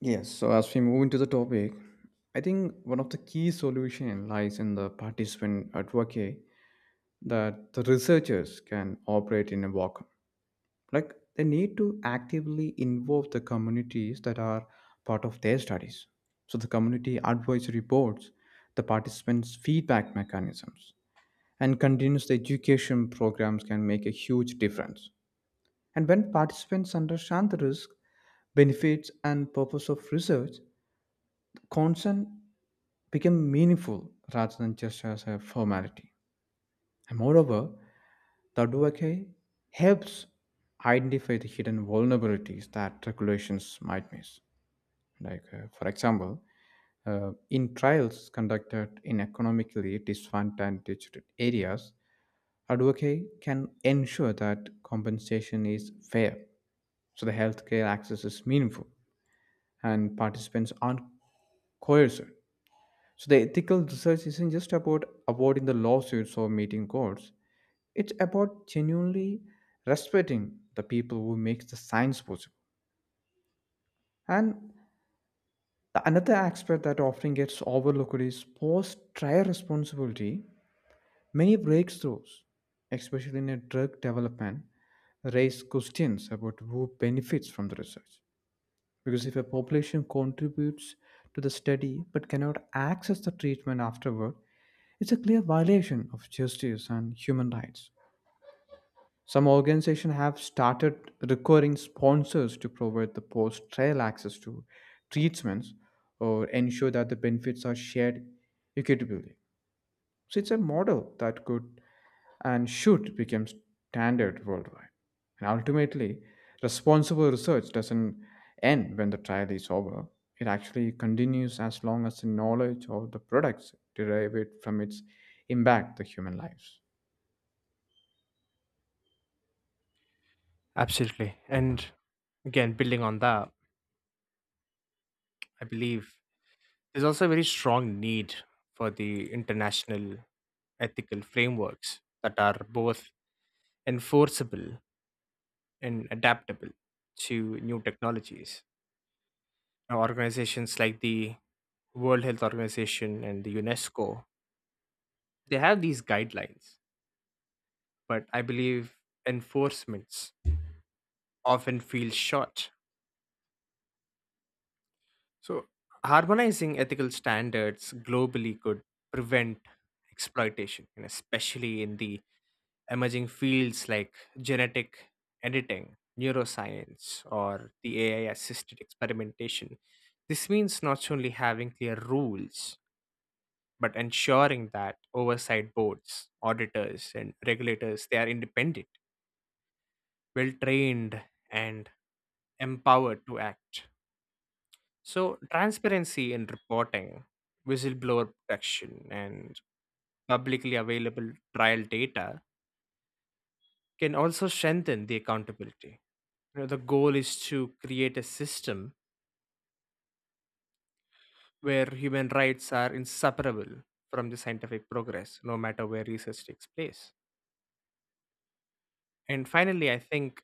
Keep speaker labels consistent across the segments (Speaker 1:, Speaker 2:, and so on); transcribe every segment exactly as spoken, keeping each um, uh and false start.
Speaker 1: Yes, so as we move into the topic, I think one of the key solution lies in the participant advocate that the researchers can operate in a vacuum. Like they need to actively involve the communities that are part of their studies. So the community advisory boards, the participants' feedback mechanisms, and continuous education programs can make a huge difference. And when participants understand the risk, benefits, and purpose of research, consent became meaningful rather than just as a formality. And moreover, the advocate helps identify the hidden vulnerabilities that regulations might miss. Like, uh, for example, uh, in trials conducted in economically disadvantaged areas, advocate can ensure that compensation is fair, so the healthcare access is meaningful, and participants aren't coerced. So the ethical research isn't just about avoiding the lawsuits or meeting courts. It's about genuinely respecting the people who make the science possible. And the another aspect that often gets overlooked is post-trial responsibility. Many breakthroughs, especially in a drug development, raise questions about who benefits from the research. Because if a population contributes to the study but cannot access the treatment afterward, it's a clear violation of justice and human rights. Some organizations have started requiring sponsors to provide the post trial access to treatments or ensure that the benefits are shared equitably. So it's a model that could and should become standard worldwide. And ultimately, responsible research doesn't end when the trial is over. It actually continues as long as the knowledge of the products derived from its impact the human lives.
Speaker 2: Absolutely. And again, building on that, I believe there's also a very strong need for the international ethical frameworks that are both enforceable and adaptable to new technologies. Now, organizations like the World Health Organization and the UNESCO, they have these guidelines, but I believe enforcements often feel short. So, harmonizing ethical standards globally could prevent exploitation, and especially in the emerging fields like genetic editing, neuroscience, or the A I assisted experimentation. This means not only having clear rules, but ensuring that oversight boards, auditors, and regulators they are independent, well trained, and empowered to act. So, transparency in reporting, whistleblower protection, and publicly available trial data can also strengthen the accountability. You know, the goal is to create a system where human rights are inseparable from the scientific progress, no matter where research takes place. And finally, I think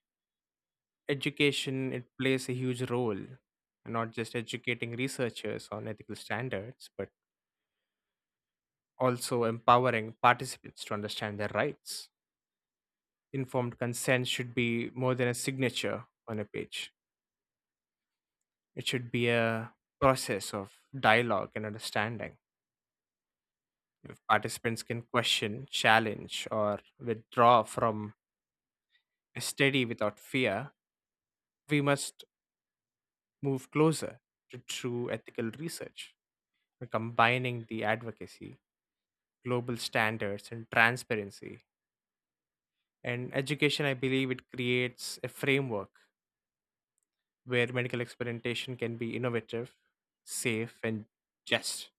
Speaker 2: education it plays a huge role, not just educating researchers on ethical standards, but also empowering participants to understand their rights. Informed consent should be more than a signature on a page. It should be a process of dialogue and understanding. If participants can question, challenge, or withdraw from a study without fear, we must move closer to true ethical research, combining the advocacy, global standards, and transparency. And education, I believe, it creates a framework where medical experimentation can be innovative, safe, and just.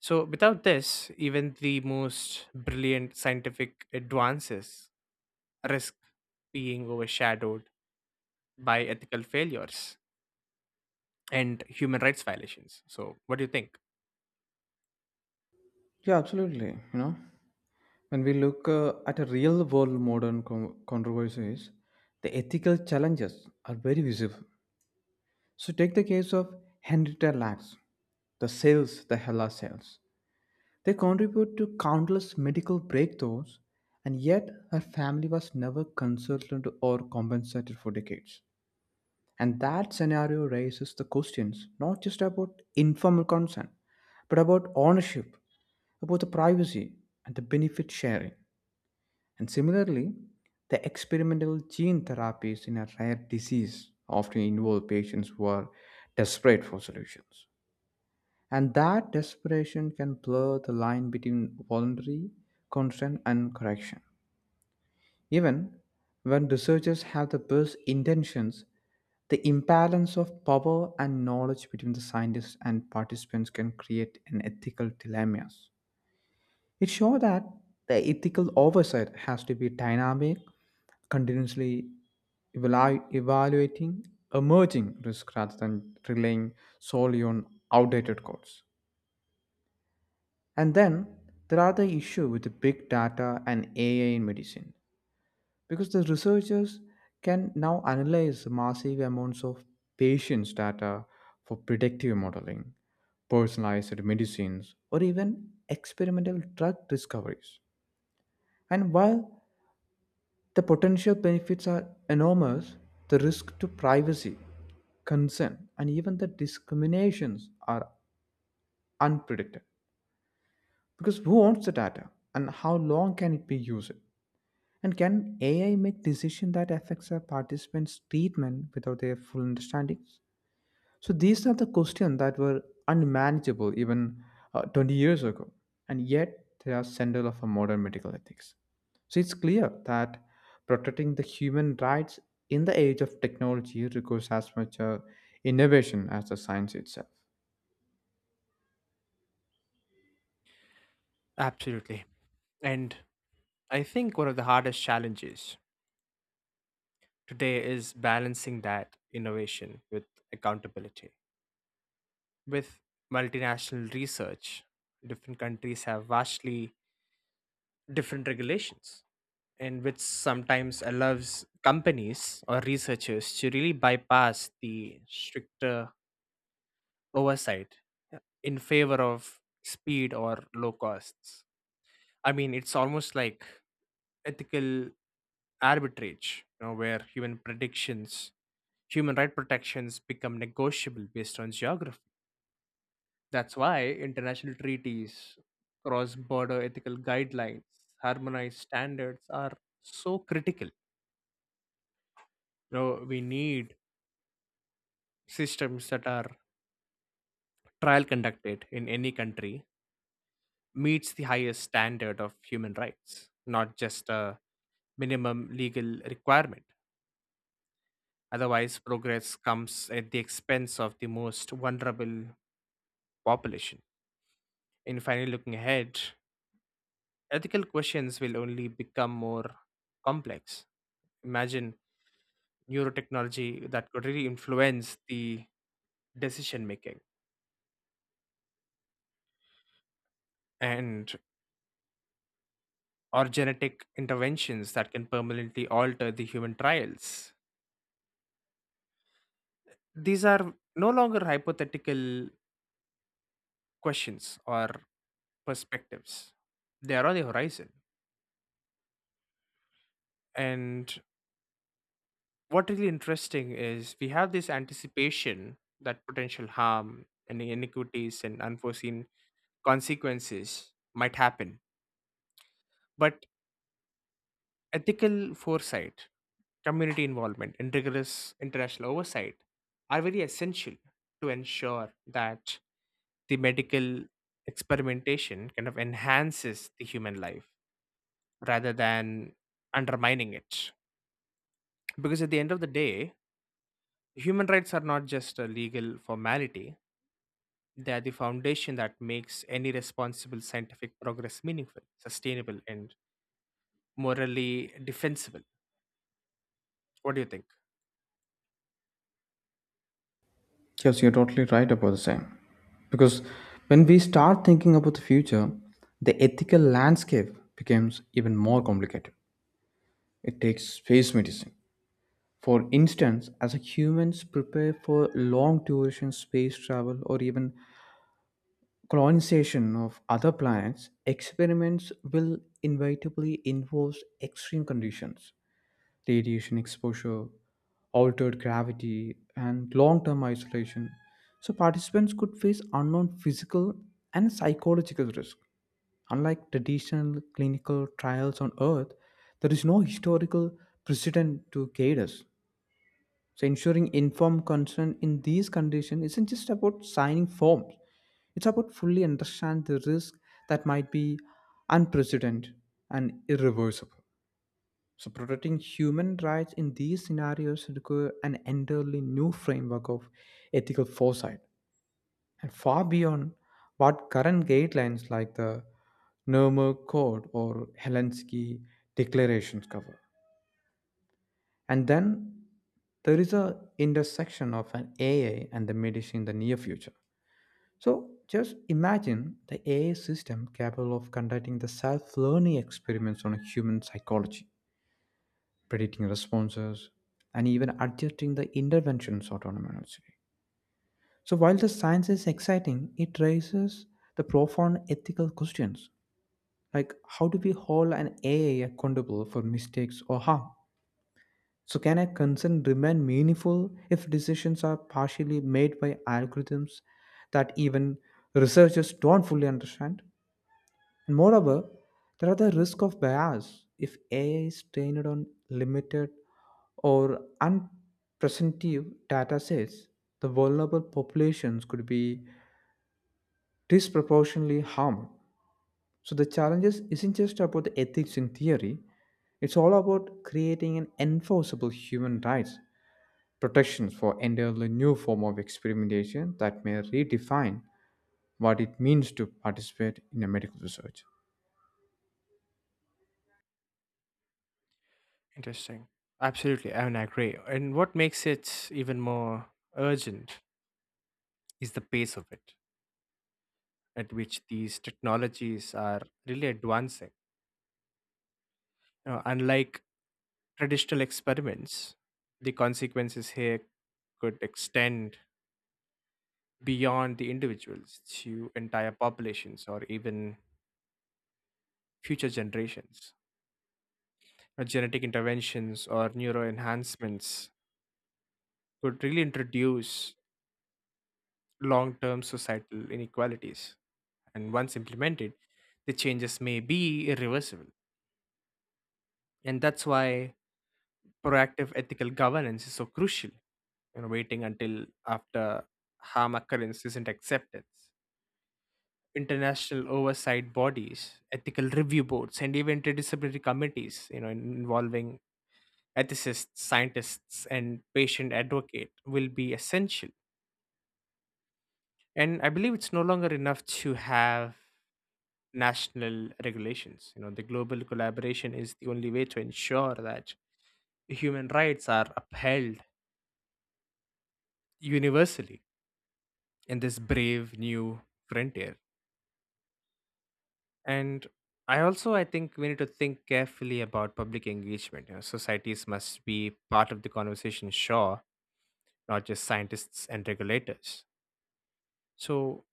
Speaker 2: So, without this, even the most brilliant scientific advances risk being overshadowed by ethical failures and human rights violations. So, what do you think?
Speaker 1: Yeah, absolutely. You know, when we look uh, at a real world modern con- controversies, the ethical challenges are very visible. So, take the case of Henrietta Lacks, the cells, the Hella cells. They contribute to countless medical breakthroughs, and yet her family was never consulted or compensated for decades. And that scenario raises the questions not just about informal consent, but about ownership, about the privacy and the benefit sharing. And similarly, the experimental gene therapies in a rare disease often involve patients who are desperate for solutions. And that desperation can blur the line between voluntary consent and correction. Even when researchers have the best intentions, the imbalance of power and knowledge between the scientists and participants can create an ethical dilemmas. It shows that the ethical oversight has to be dynamic, continuously evalu- evaluating emerging risks rather than relying solely on outdated codes. And then there are the issue with the big data and A I in medicine, because the researchers can now analyze massive amounts of patients' data for predictive modeling, personalized medicines, or even experimental drug discoveries. And while the potential benefits are enormous. The risk to privacy, consent, and even the discriminations are unpredicted. Because who owns the data and how long can it be used? And can A I make decisions that affects a participant's treatment without their full understanding? So these are the questions that were unmanageable even uh, twenty years ago, and yet they are central of our modern medical ethics. So it's clear that protecting the human rights in the age of technology requires as much uh, innovation as the science itself.
Speaker 2: Absolutely. And I think one of the hardest challenges today is balancing that innovation with accountability. With multinational research, different countries have vastly different regulations in which sometimes allows companies or researchers to really bypass the stricter oversight in favor of speed or low costs. I mean, it's almost like ethical arbitrage, you know, where human predictions, human right protections become negotiable based on geography. That's why international treaties, cross border ethical guidelines, harmonized standards are so critical. You know, we need systems that are trial conducted in any country meets the highest standard of human rights, not just a minimum legal requirement. Otherwise, progress comes at the expense of the most vulnerable population. In finally looking ahead, ethical questions will only become more complex. Imagine neurotechnology that could really influence the decision making and or genetic interventions that can permanently alter the human trials These are no longer hypothetical questions or perspectives, they are on the horizon. And what really interesting is we have this anticipation that potential harm and inequities and unforeseen consequences might happen. But ethical foresight, community involvement, and rigorous international oversight are very essential to ensure that the medical experimentation kind of enhances the human life rather than undermining it. Because at the end of the day, human rights are not just a legal formality, they are the foundation that makes any responsible scientific progress meaningful, sustainable, and morally defensible. What do you think?
Speaker 1: Yes, you're totally right about the same. Because when we start thinking about the future, the ethical landscape becomes even more complicated. It takes space medicine. For instance, as humans prepare for long duration space travel or even colonization of other planets, experiments will inevitably involve extreme conditions, radiation exposure, altered gravity, and long term isolation. So, participants could face unknown physical and psychological risk. Unlike traditional clinical trials on Earth, there is no historical precedent to guide us. So ensuring informed consent in these conditions isn't just about signing forms. It's about fully understand the risk that might be unprecedented and irreversible. So protecting human rights in these scenarios require an entirely new framework of ethical foresight and far beyond what current guidelines like the Nuremberg Code or Helsinki declarations cover. And then there is a intersection of an A I and the medicine in the near future. So just imagine the A I system capable of conducting the self-learning experiments on human psychology, predicting responses, and even adjusting the interventions autonomously. So while the science is exciting, it raises the profound ethical questions like how do we hold an A I accountable for mistakes or harm? So, can a concern remain meaningful if decisions are partially made by algorithms that even researchers don't fully understand? And moreover, there are the risk of bias if A I is trained on limited or unpresentative data sets. The vulnerable populations could be disproportionately harmed. So, the challenges isn't just about the ethics in theory, it's all about creating an enforceable human rights protections for entirely new form of experimentation that may redefine what it means to participate in a medical research.
Speaker 2: Interesting. Absolutely. I mean, I agree. And what makes it even more urgent is the pace of it at which these technologies are really advancing. You know, unlike traditional experiments, the consequences here could extend beyond the individuals to entire populations or even future generations. Now, genetic interventions or neuro enhancements could really introduce long term societal inequalities. And once implemented, the changes may be irreversible. And that's why proactive ethical governance is so crucial. You know, waiting until after harm occurrence isn't acceptance international oversight bodies, ethical review boards, and even interdisciplinary committees, you know, in- involving ethicists, scientists, and patient advocate will be essential. And I believe it's no longer enough to have national regulations. You know, the global collaboration is the only way to ensure that human rights are upheld universally in this brave new frontier. And I also I think we need to think carefully about public engagement you know societies must be part of the conversation sure not just scientists and regulators so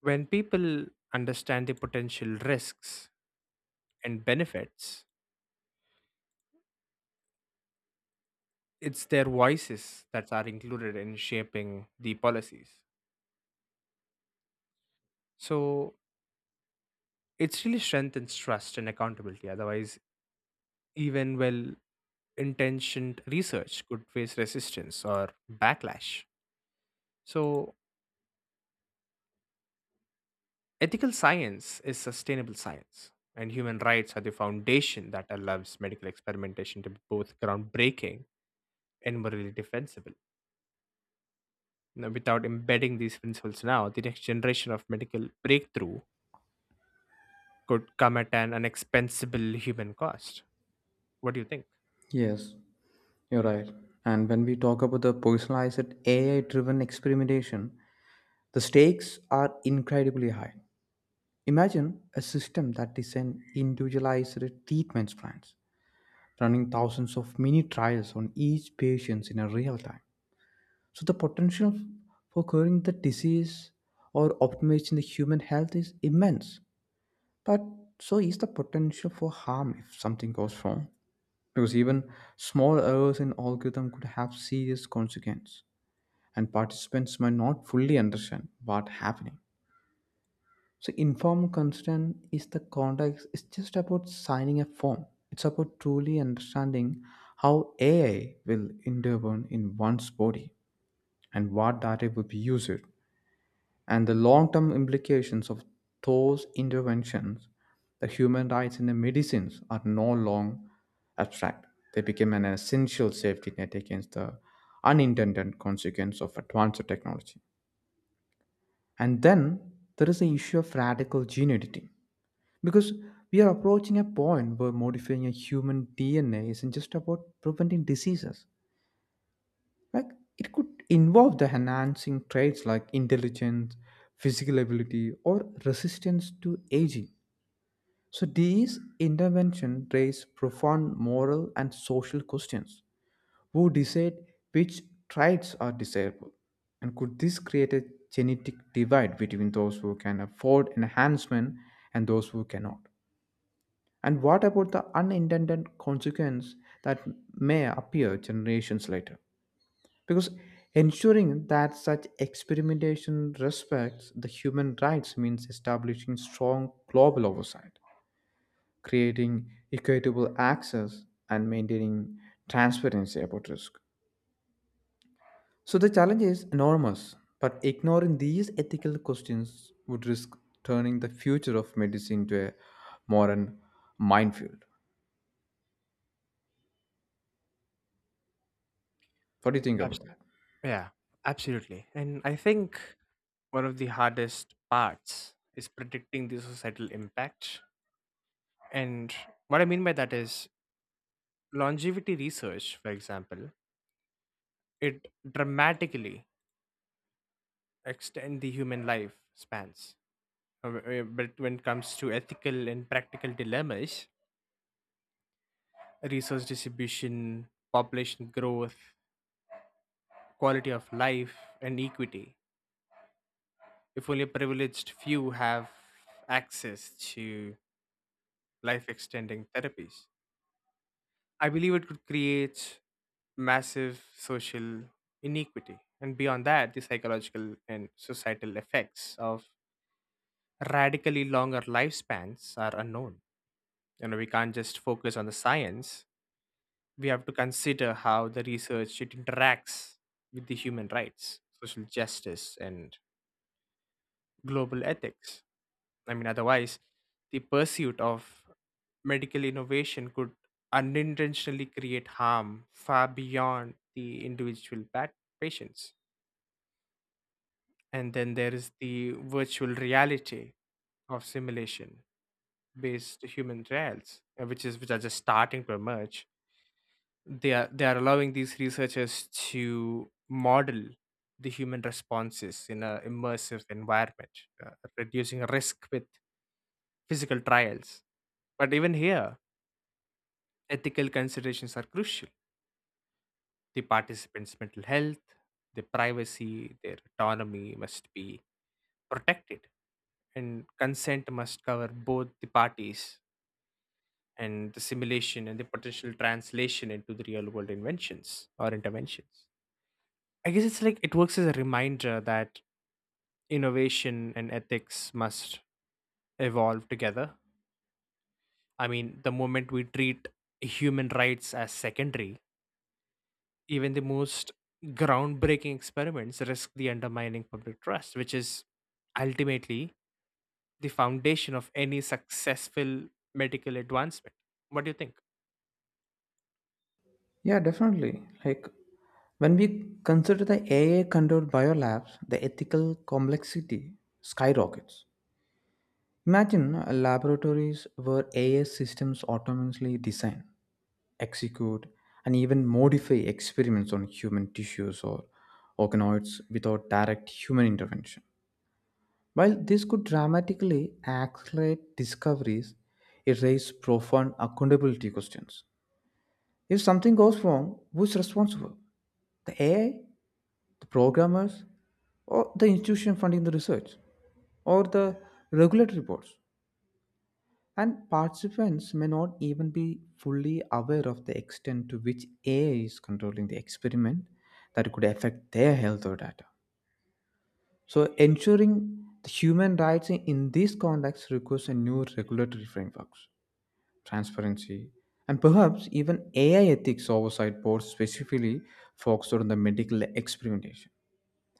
Speaker 2: when people understand the potential risks and benefits it's their voices that are included in shaping the policies so it's really strengthens trust and accountability otherwise even well intentioned research could face resistance or backlash so Ethical science is sustainable science, and human rights are the foundation that allows medical experimentation to be both groundbreaking and morally defensible. Now, without embedding these principles now, the next generation of medical breakthrough could come at an unexpensible human cost. What do you think?
Speaker 1: Yes, you're right. And when we talk about the personalized A I driven experimentation, the stakes are incredibly high. Imagine a system that designs individualized treatment plans, running thousands of mini trials on each patient in a real time. So the potential for curing the disease or optimizing the human health is immense. But so is the potential for harm if something goes wrong, because even small errors in algorithm could have serious consequence, and participants might not fully understand what's happening. So informed consent is the context. It's just about signing a form. It's about truly understanding how A I will intervene in one's body and what data will be used and the long-term implications of those interventions. The human rights in the medicines are no longer abstract. They became an essential safety net against the unintended consequence of advanced technology. And then there is the issue of radical gene editing, because we are approaching a point where modifying a human dna isn't just about preventing diseases. Like it could involve the enhancing traits like intelligence, physical ability, or resistance to aging. So these interventions raise profound moral and social questions. Who decide which traits are desirable? And could this create a genetic divide between those who can afford enhancement and those who cannot? And what about the unintended consequence that may appear generations later? Because ensuring that such experimentation respects the human rights means establishing strong global oversight, creating equitable access, and maintaining transparency about risk. So the challenge is enormous, but ignoring these ethical questions would risk turning the future of medicine to a modern minefield. What do you think about that?
Speaker 2: Yeah, absolutely. And I think one of the hardest parts is predicting the societal impact. And what I mean by that is longevity research, for example, it dramatically extend the human life spans. Uh, w- uh, But when it comes to ethical and practical dilemmas, resource distribution, population growth, quality of life, and equity, if only a privileged few have access to life extending therapies, I believe it could create massive social inequity. And beyond that, the psychological and societal effects of radically longer lifespans are unknown. You know, we can't just focus on the science. We have to consider how the research it interacts with the human rights, social justice, and global ethics. I mean, otherwise, the pursuit of medical innovation could unintentionally create harm far beyond the individual pat- patients. And then there is the virtual reality of simulation based human trials, uh, which is which are just starting to emerge. They are they are allowing these researchers to model the human responses in an immersive environment, uh, reducing risk with physical trials. But even here, ethical considerations are crucial. The participants' mental health, their privacy, their autonomy must be protected, and consent must cover both the parties and the simulation and the potential translation into the real world inventions or interventions. I guess it's like it works as a reminder that innovation and ethics must evolve together. I mean, the moment we treat human rights as secondary, even the most groundbreaking experiments risk the undermining public trust, which is ultimately the foundation of any successful medical advancement. What do you think?
Speaker 1: Yeah, definitely. Like when we consider the A I controlled biolabs, the ethical complexity skyrockets. Imagine uh, laboratories where A I systems autonomously design, execute, and even modify experiments on human tissues or organoids without direct human intervention. While this could dramatically accelerate discoveries, it raises profound accountability questions. If something goes wrong, who's responsible? The A I, the programmers, or the institution funding the research, or the regulatory boards. And participants may not even be fully aware of the extent to which A I is controlling the experiment that could affect their health or data. So, ensuring the human rights in in this context requires a new regulatory frameworks, transparency, and perhaps even A I ethics oversight boards specifically focused on the medical experimentation.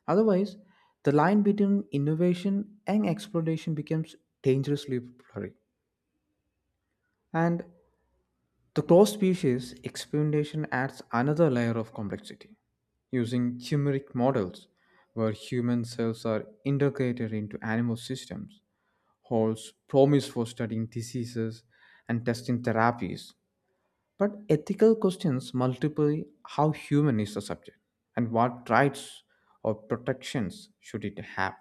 Speaker 1: Otherwise, the line between innovation and exploitation becomes dangerously blurry. And the cross species experimentation adds another layer of complexity, using chimeric models where human cells are integrated into animal systems, holds promise for studying diseases and testing therapies. But ethical questions multiply. How human is the subject, and what rights or protections should it have?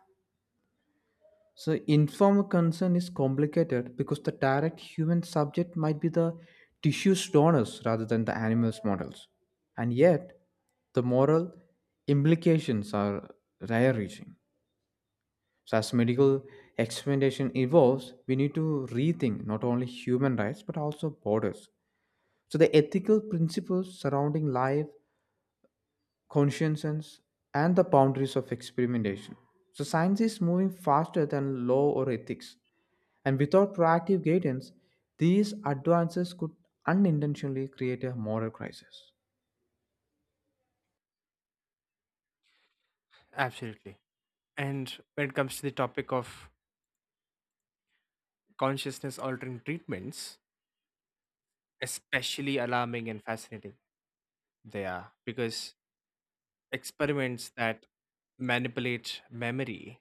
Speaker 1: So, informed consent is complicated because the direct human subject might be the tissue's donors rather than the animal's models. And yet, the moral implications are rare reaching. So, as medical experimentation evolves, we need to rethink not only human rights but also borders. So, the ethical principles surrounding life, conscience, and the boundaries of experimentation. So, science is moving faster than law or ethics, and without proactive guidance, these advances could unintentionally create a moral crisis.
Speaker 2: Absolutely. And when it comes to the topic of consciousness altering treatments, especially alarming and fascinating they are because experiments that manipulate memory,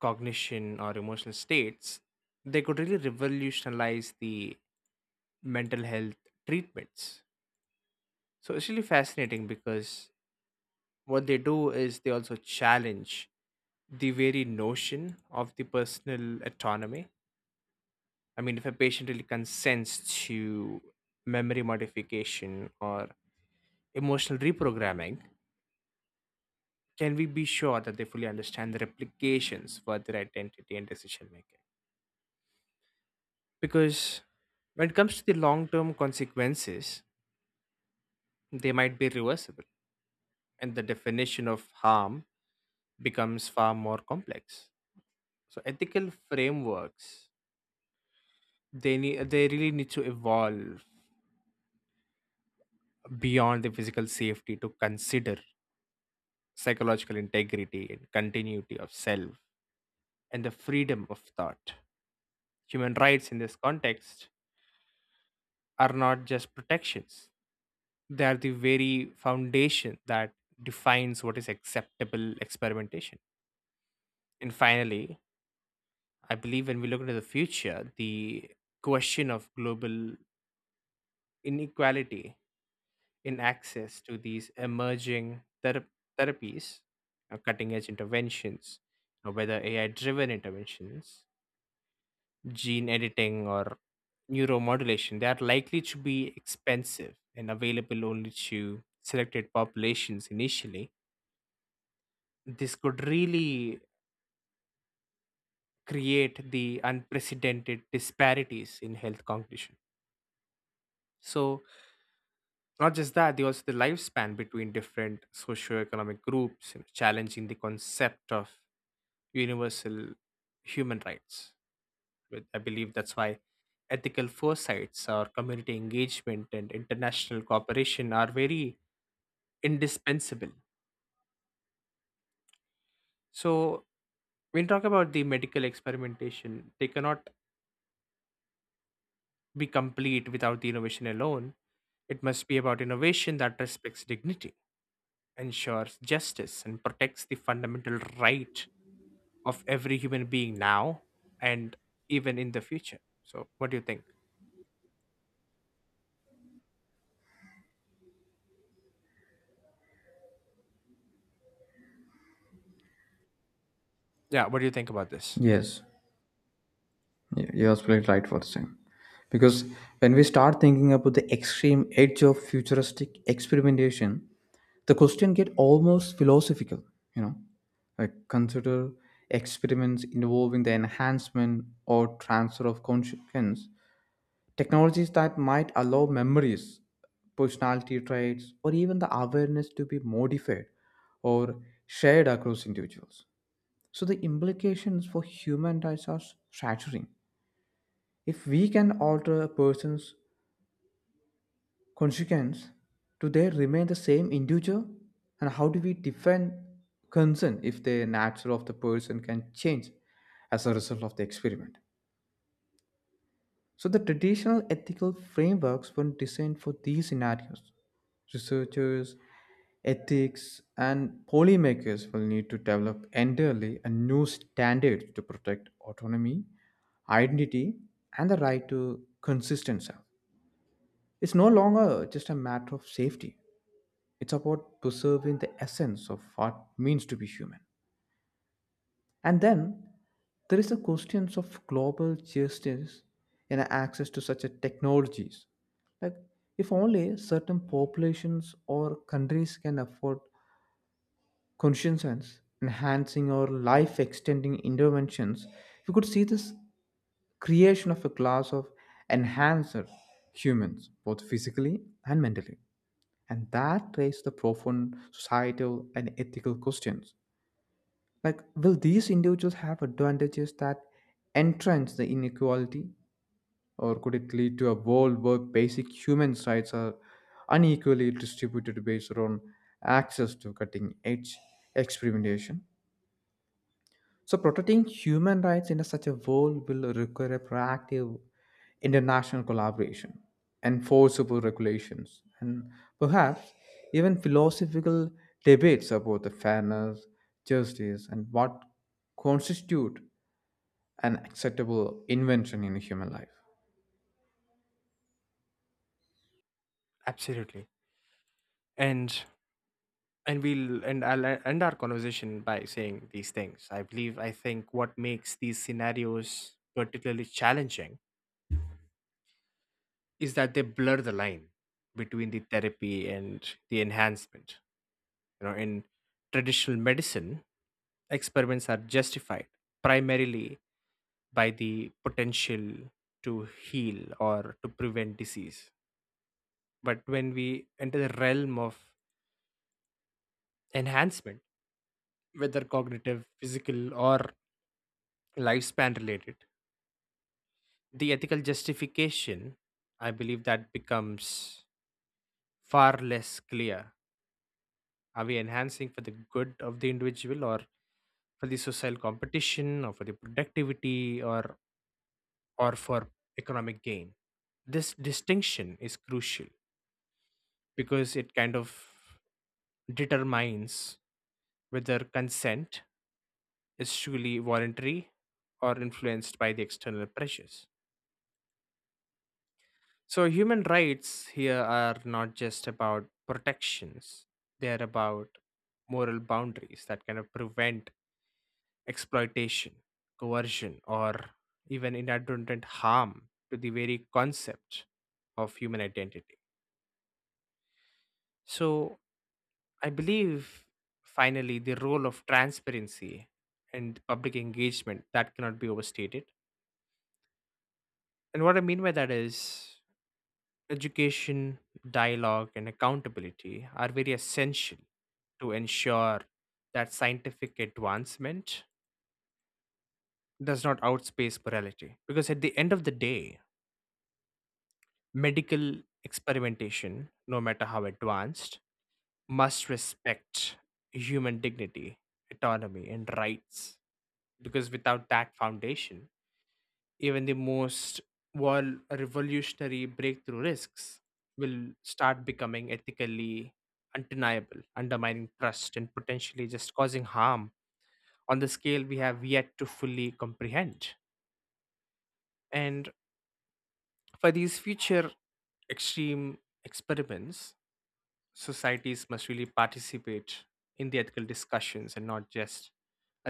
Speaker 2: cognition, or emotional states, they could really revolutionize the mental health treatments. So it's really fascinating because what they do is they also challenge the very notion of the personal autonomy. I mean, if a patient really consents to memory modification or emotional reprogramming, can we be sure that they fully understand the replications for their identity and decision making? Because when it comes to the long term consequences, they might be reversible. And the definition of harm becomes far more complex. So ethical frameworks they need they really need to evolve beyond the physical safety to consider psychological integrity and continuity of self and the freedom of thought. Human rights in this context are not just protections. They are the very foundation that defines what is acceptable experimentation. And finally, I believe when we look into the future, the question of global inequality in access to these emerging thera- therapies, uh, cutting edge interventions, uh, whether A I driven interventions, gene editing, or neuromodulation, they are likely to be expensive and available only to selected populations initially. This could really create the unprecedented disparities in health cognition. So, not just that, they also the lifespan between different socioeconomic groups, you know, challenging the concept of universal human rights. With- I believe that's why ethical foresights or community engagement and international cooperation are very indispensable. So, when you talk about the medical experimentation, they cannot be complete without the innovation alone. It must be about innovation that respects dignity, ensures justice, and protects the fundamental right of every human being now and even in the future. So, what do you think? Yeah, what do you think about this?
Speaker 1: Yes, y- you are absolutely right for the same. Because when we start thinking about the extreme edge of futuristic experimentation, the question get almost philosophical. You know, like consider experiments involving the enhancement or transfer of consciousness. Technologies that might allow memories, personality traits, or even the awareness to be modified or shared across individuals. So the implications for human rights are shattering. If we can alter a person's consequence, do they remain the same individual? And how do we define consent if the nature of the person can change as a result of the experiment? So, the traditional ethical frameworks were designed for these scenarios. Researchers, ethics, and policymakers will need to develop entirely a new standard to protect autonomy, identity, and the right to consistent self. It's no longer just a matter of safety, it's about preserving the essence of what means to be human. And then there is the questions of global justice and access to such a technologies. Like if only certain populations or countries can afford conscience enhancing or life extending interventions, we could see this creation of a class of enhanced humans, both physically and mentally. And that raises the profound societal and ethical questions like, will these individuals have advantages that entrench the inequality, or could it lead to a world where basic human rights are unequally distributed based on access to cutting edge experimentation? So, protecting human rights in such a world will require a proactive international collaboration, enforceable regulations, and perhaps even philosophical debates about the fairness, justice, and what constitute an acceptable invention in human life.
Speaker 2: Absolutely. And and we'll and I'll e- end our conversation by saying these things. I believe I think what makes these scenarios particularly challenging is that they blur the line between the therapy and the enhancement. You know, in traditional medicine, experiments are justified primarily by the potential to heal or to prevent disease. But when we enter the realm of enhancement, whether cognitive, physical, or lifespan related, the ethical justification, I believe that becomes far less clear. Are we enhancing for the good of the individual or for the social competition or for the productivity or or for economic gain? This distinction is crucial because it kind of determines whether consent is truly voluntary or influenced by the external pressures. So, human rights here are not just about protections, they're about moral boundaries that kind of prevent exploitation, coercion, or even inadvertent harm to the very concept of human identity. So, I believe finally the role of transparency and public engagement that cannot be overstated. And what I mean by that is education, dialogue, and accountability are very essential to ensure that scientific advancement does not outpace morality. Because at the end of the day, medical experimentation, no matter how advanced, must respect human dignity, autonomy, and rights. Because without that foundation, even the most vol- revolutionary breakthrough risks will start becoming ethically undeniable, undermining trust and potentially just causing harm on the scale we have yet to fully comprehend. And for these future extreme experiments, societies must really participate in the ethical discussions and not just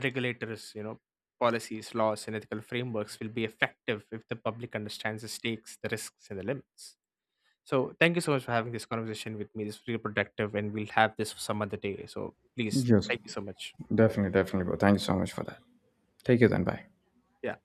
Speaker 2: regulators, you know, policies, laws, and ethical frameworks will be effective if the public understands the stakes, the risks, and the limits. So thank you so much for having this conversation with me. This was really productive, and we'll have this some other day. So please,
Speaker 1: Yes,
Speaker 2: thank you so much.
Speaker 1: definitely, definitely, bro. Thank you so much for that. Take it then. Bye.
Speaker 2: Yeah.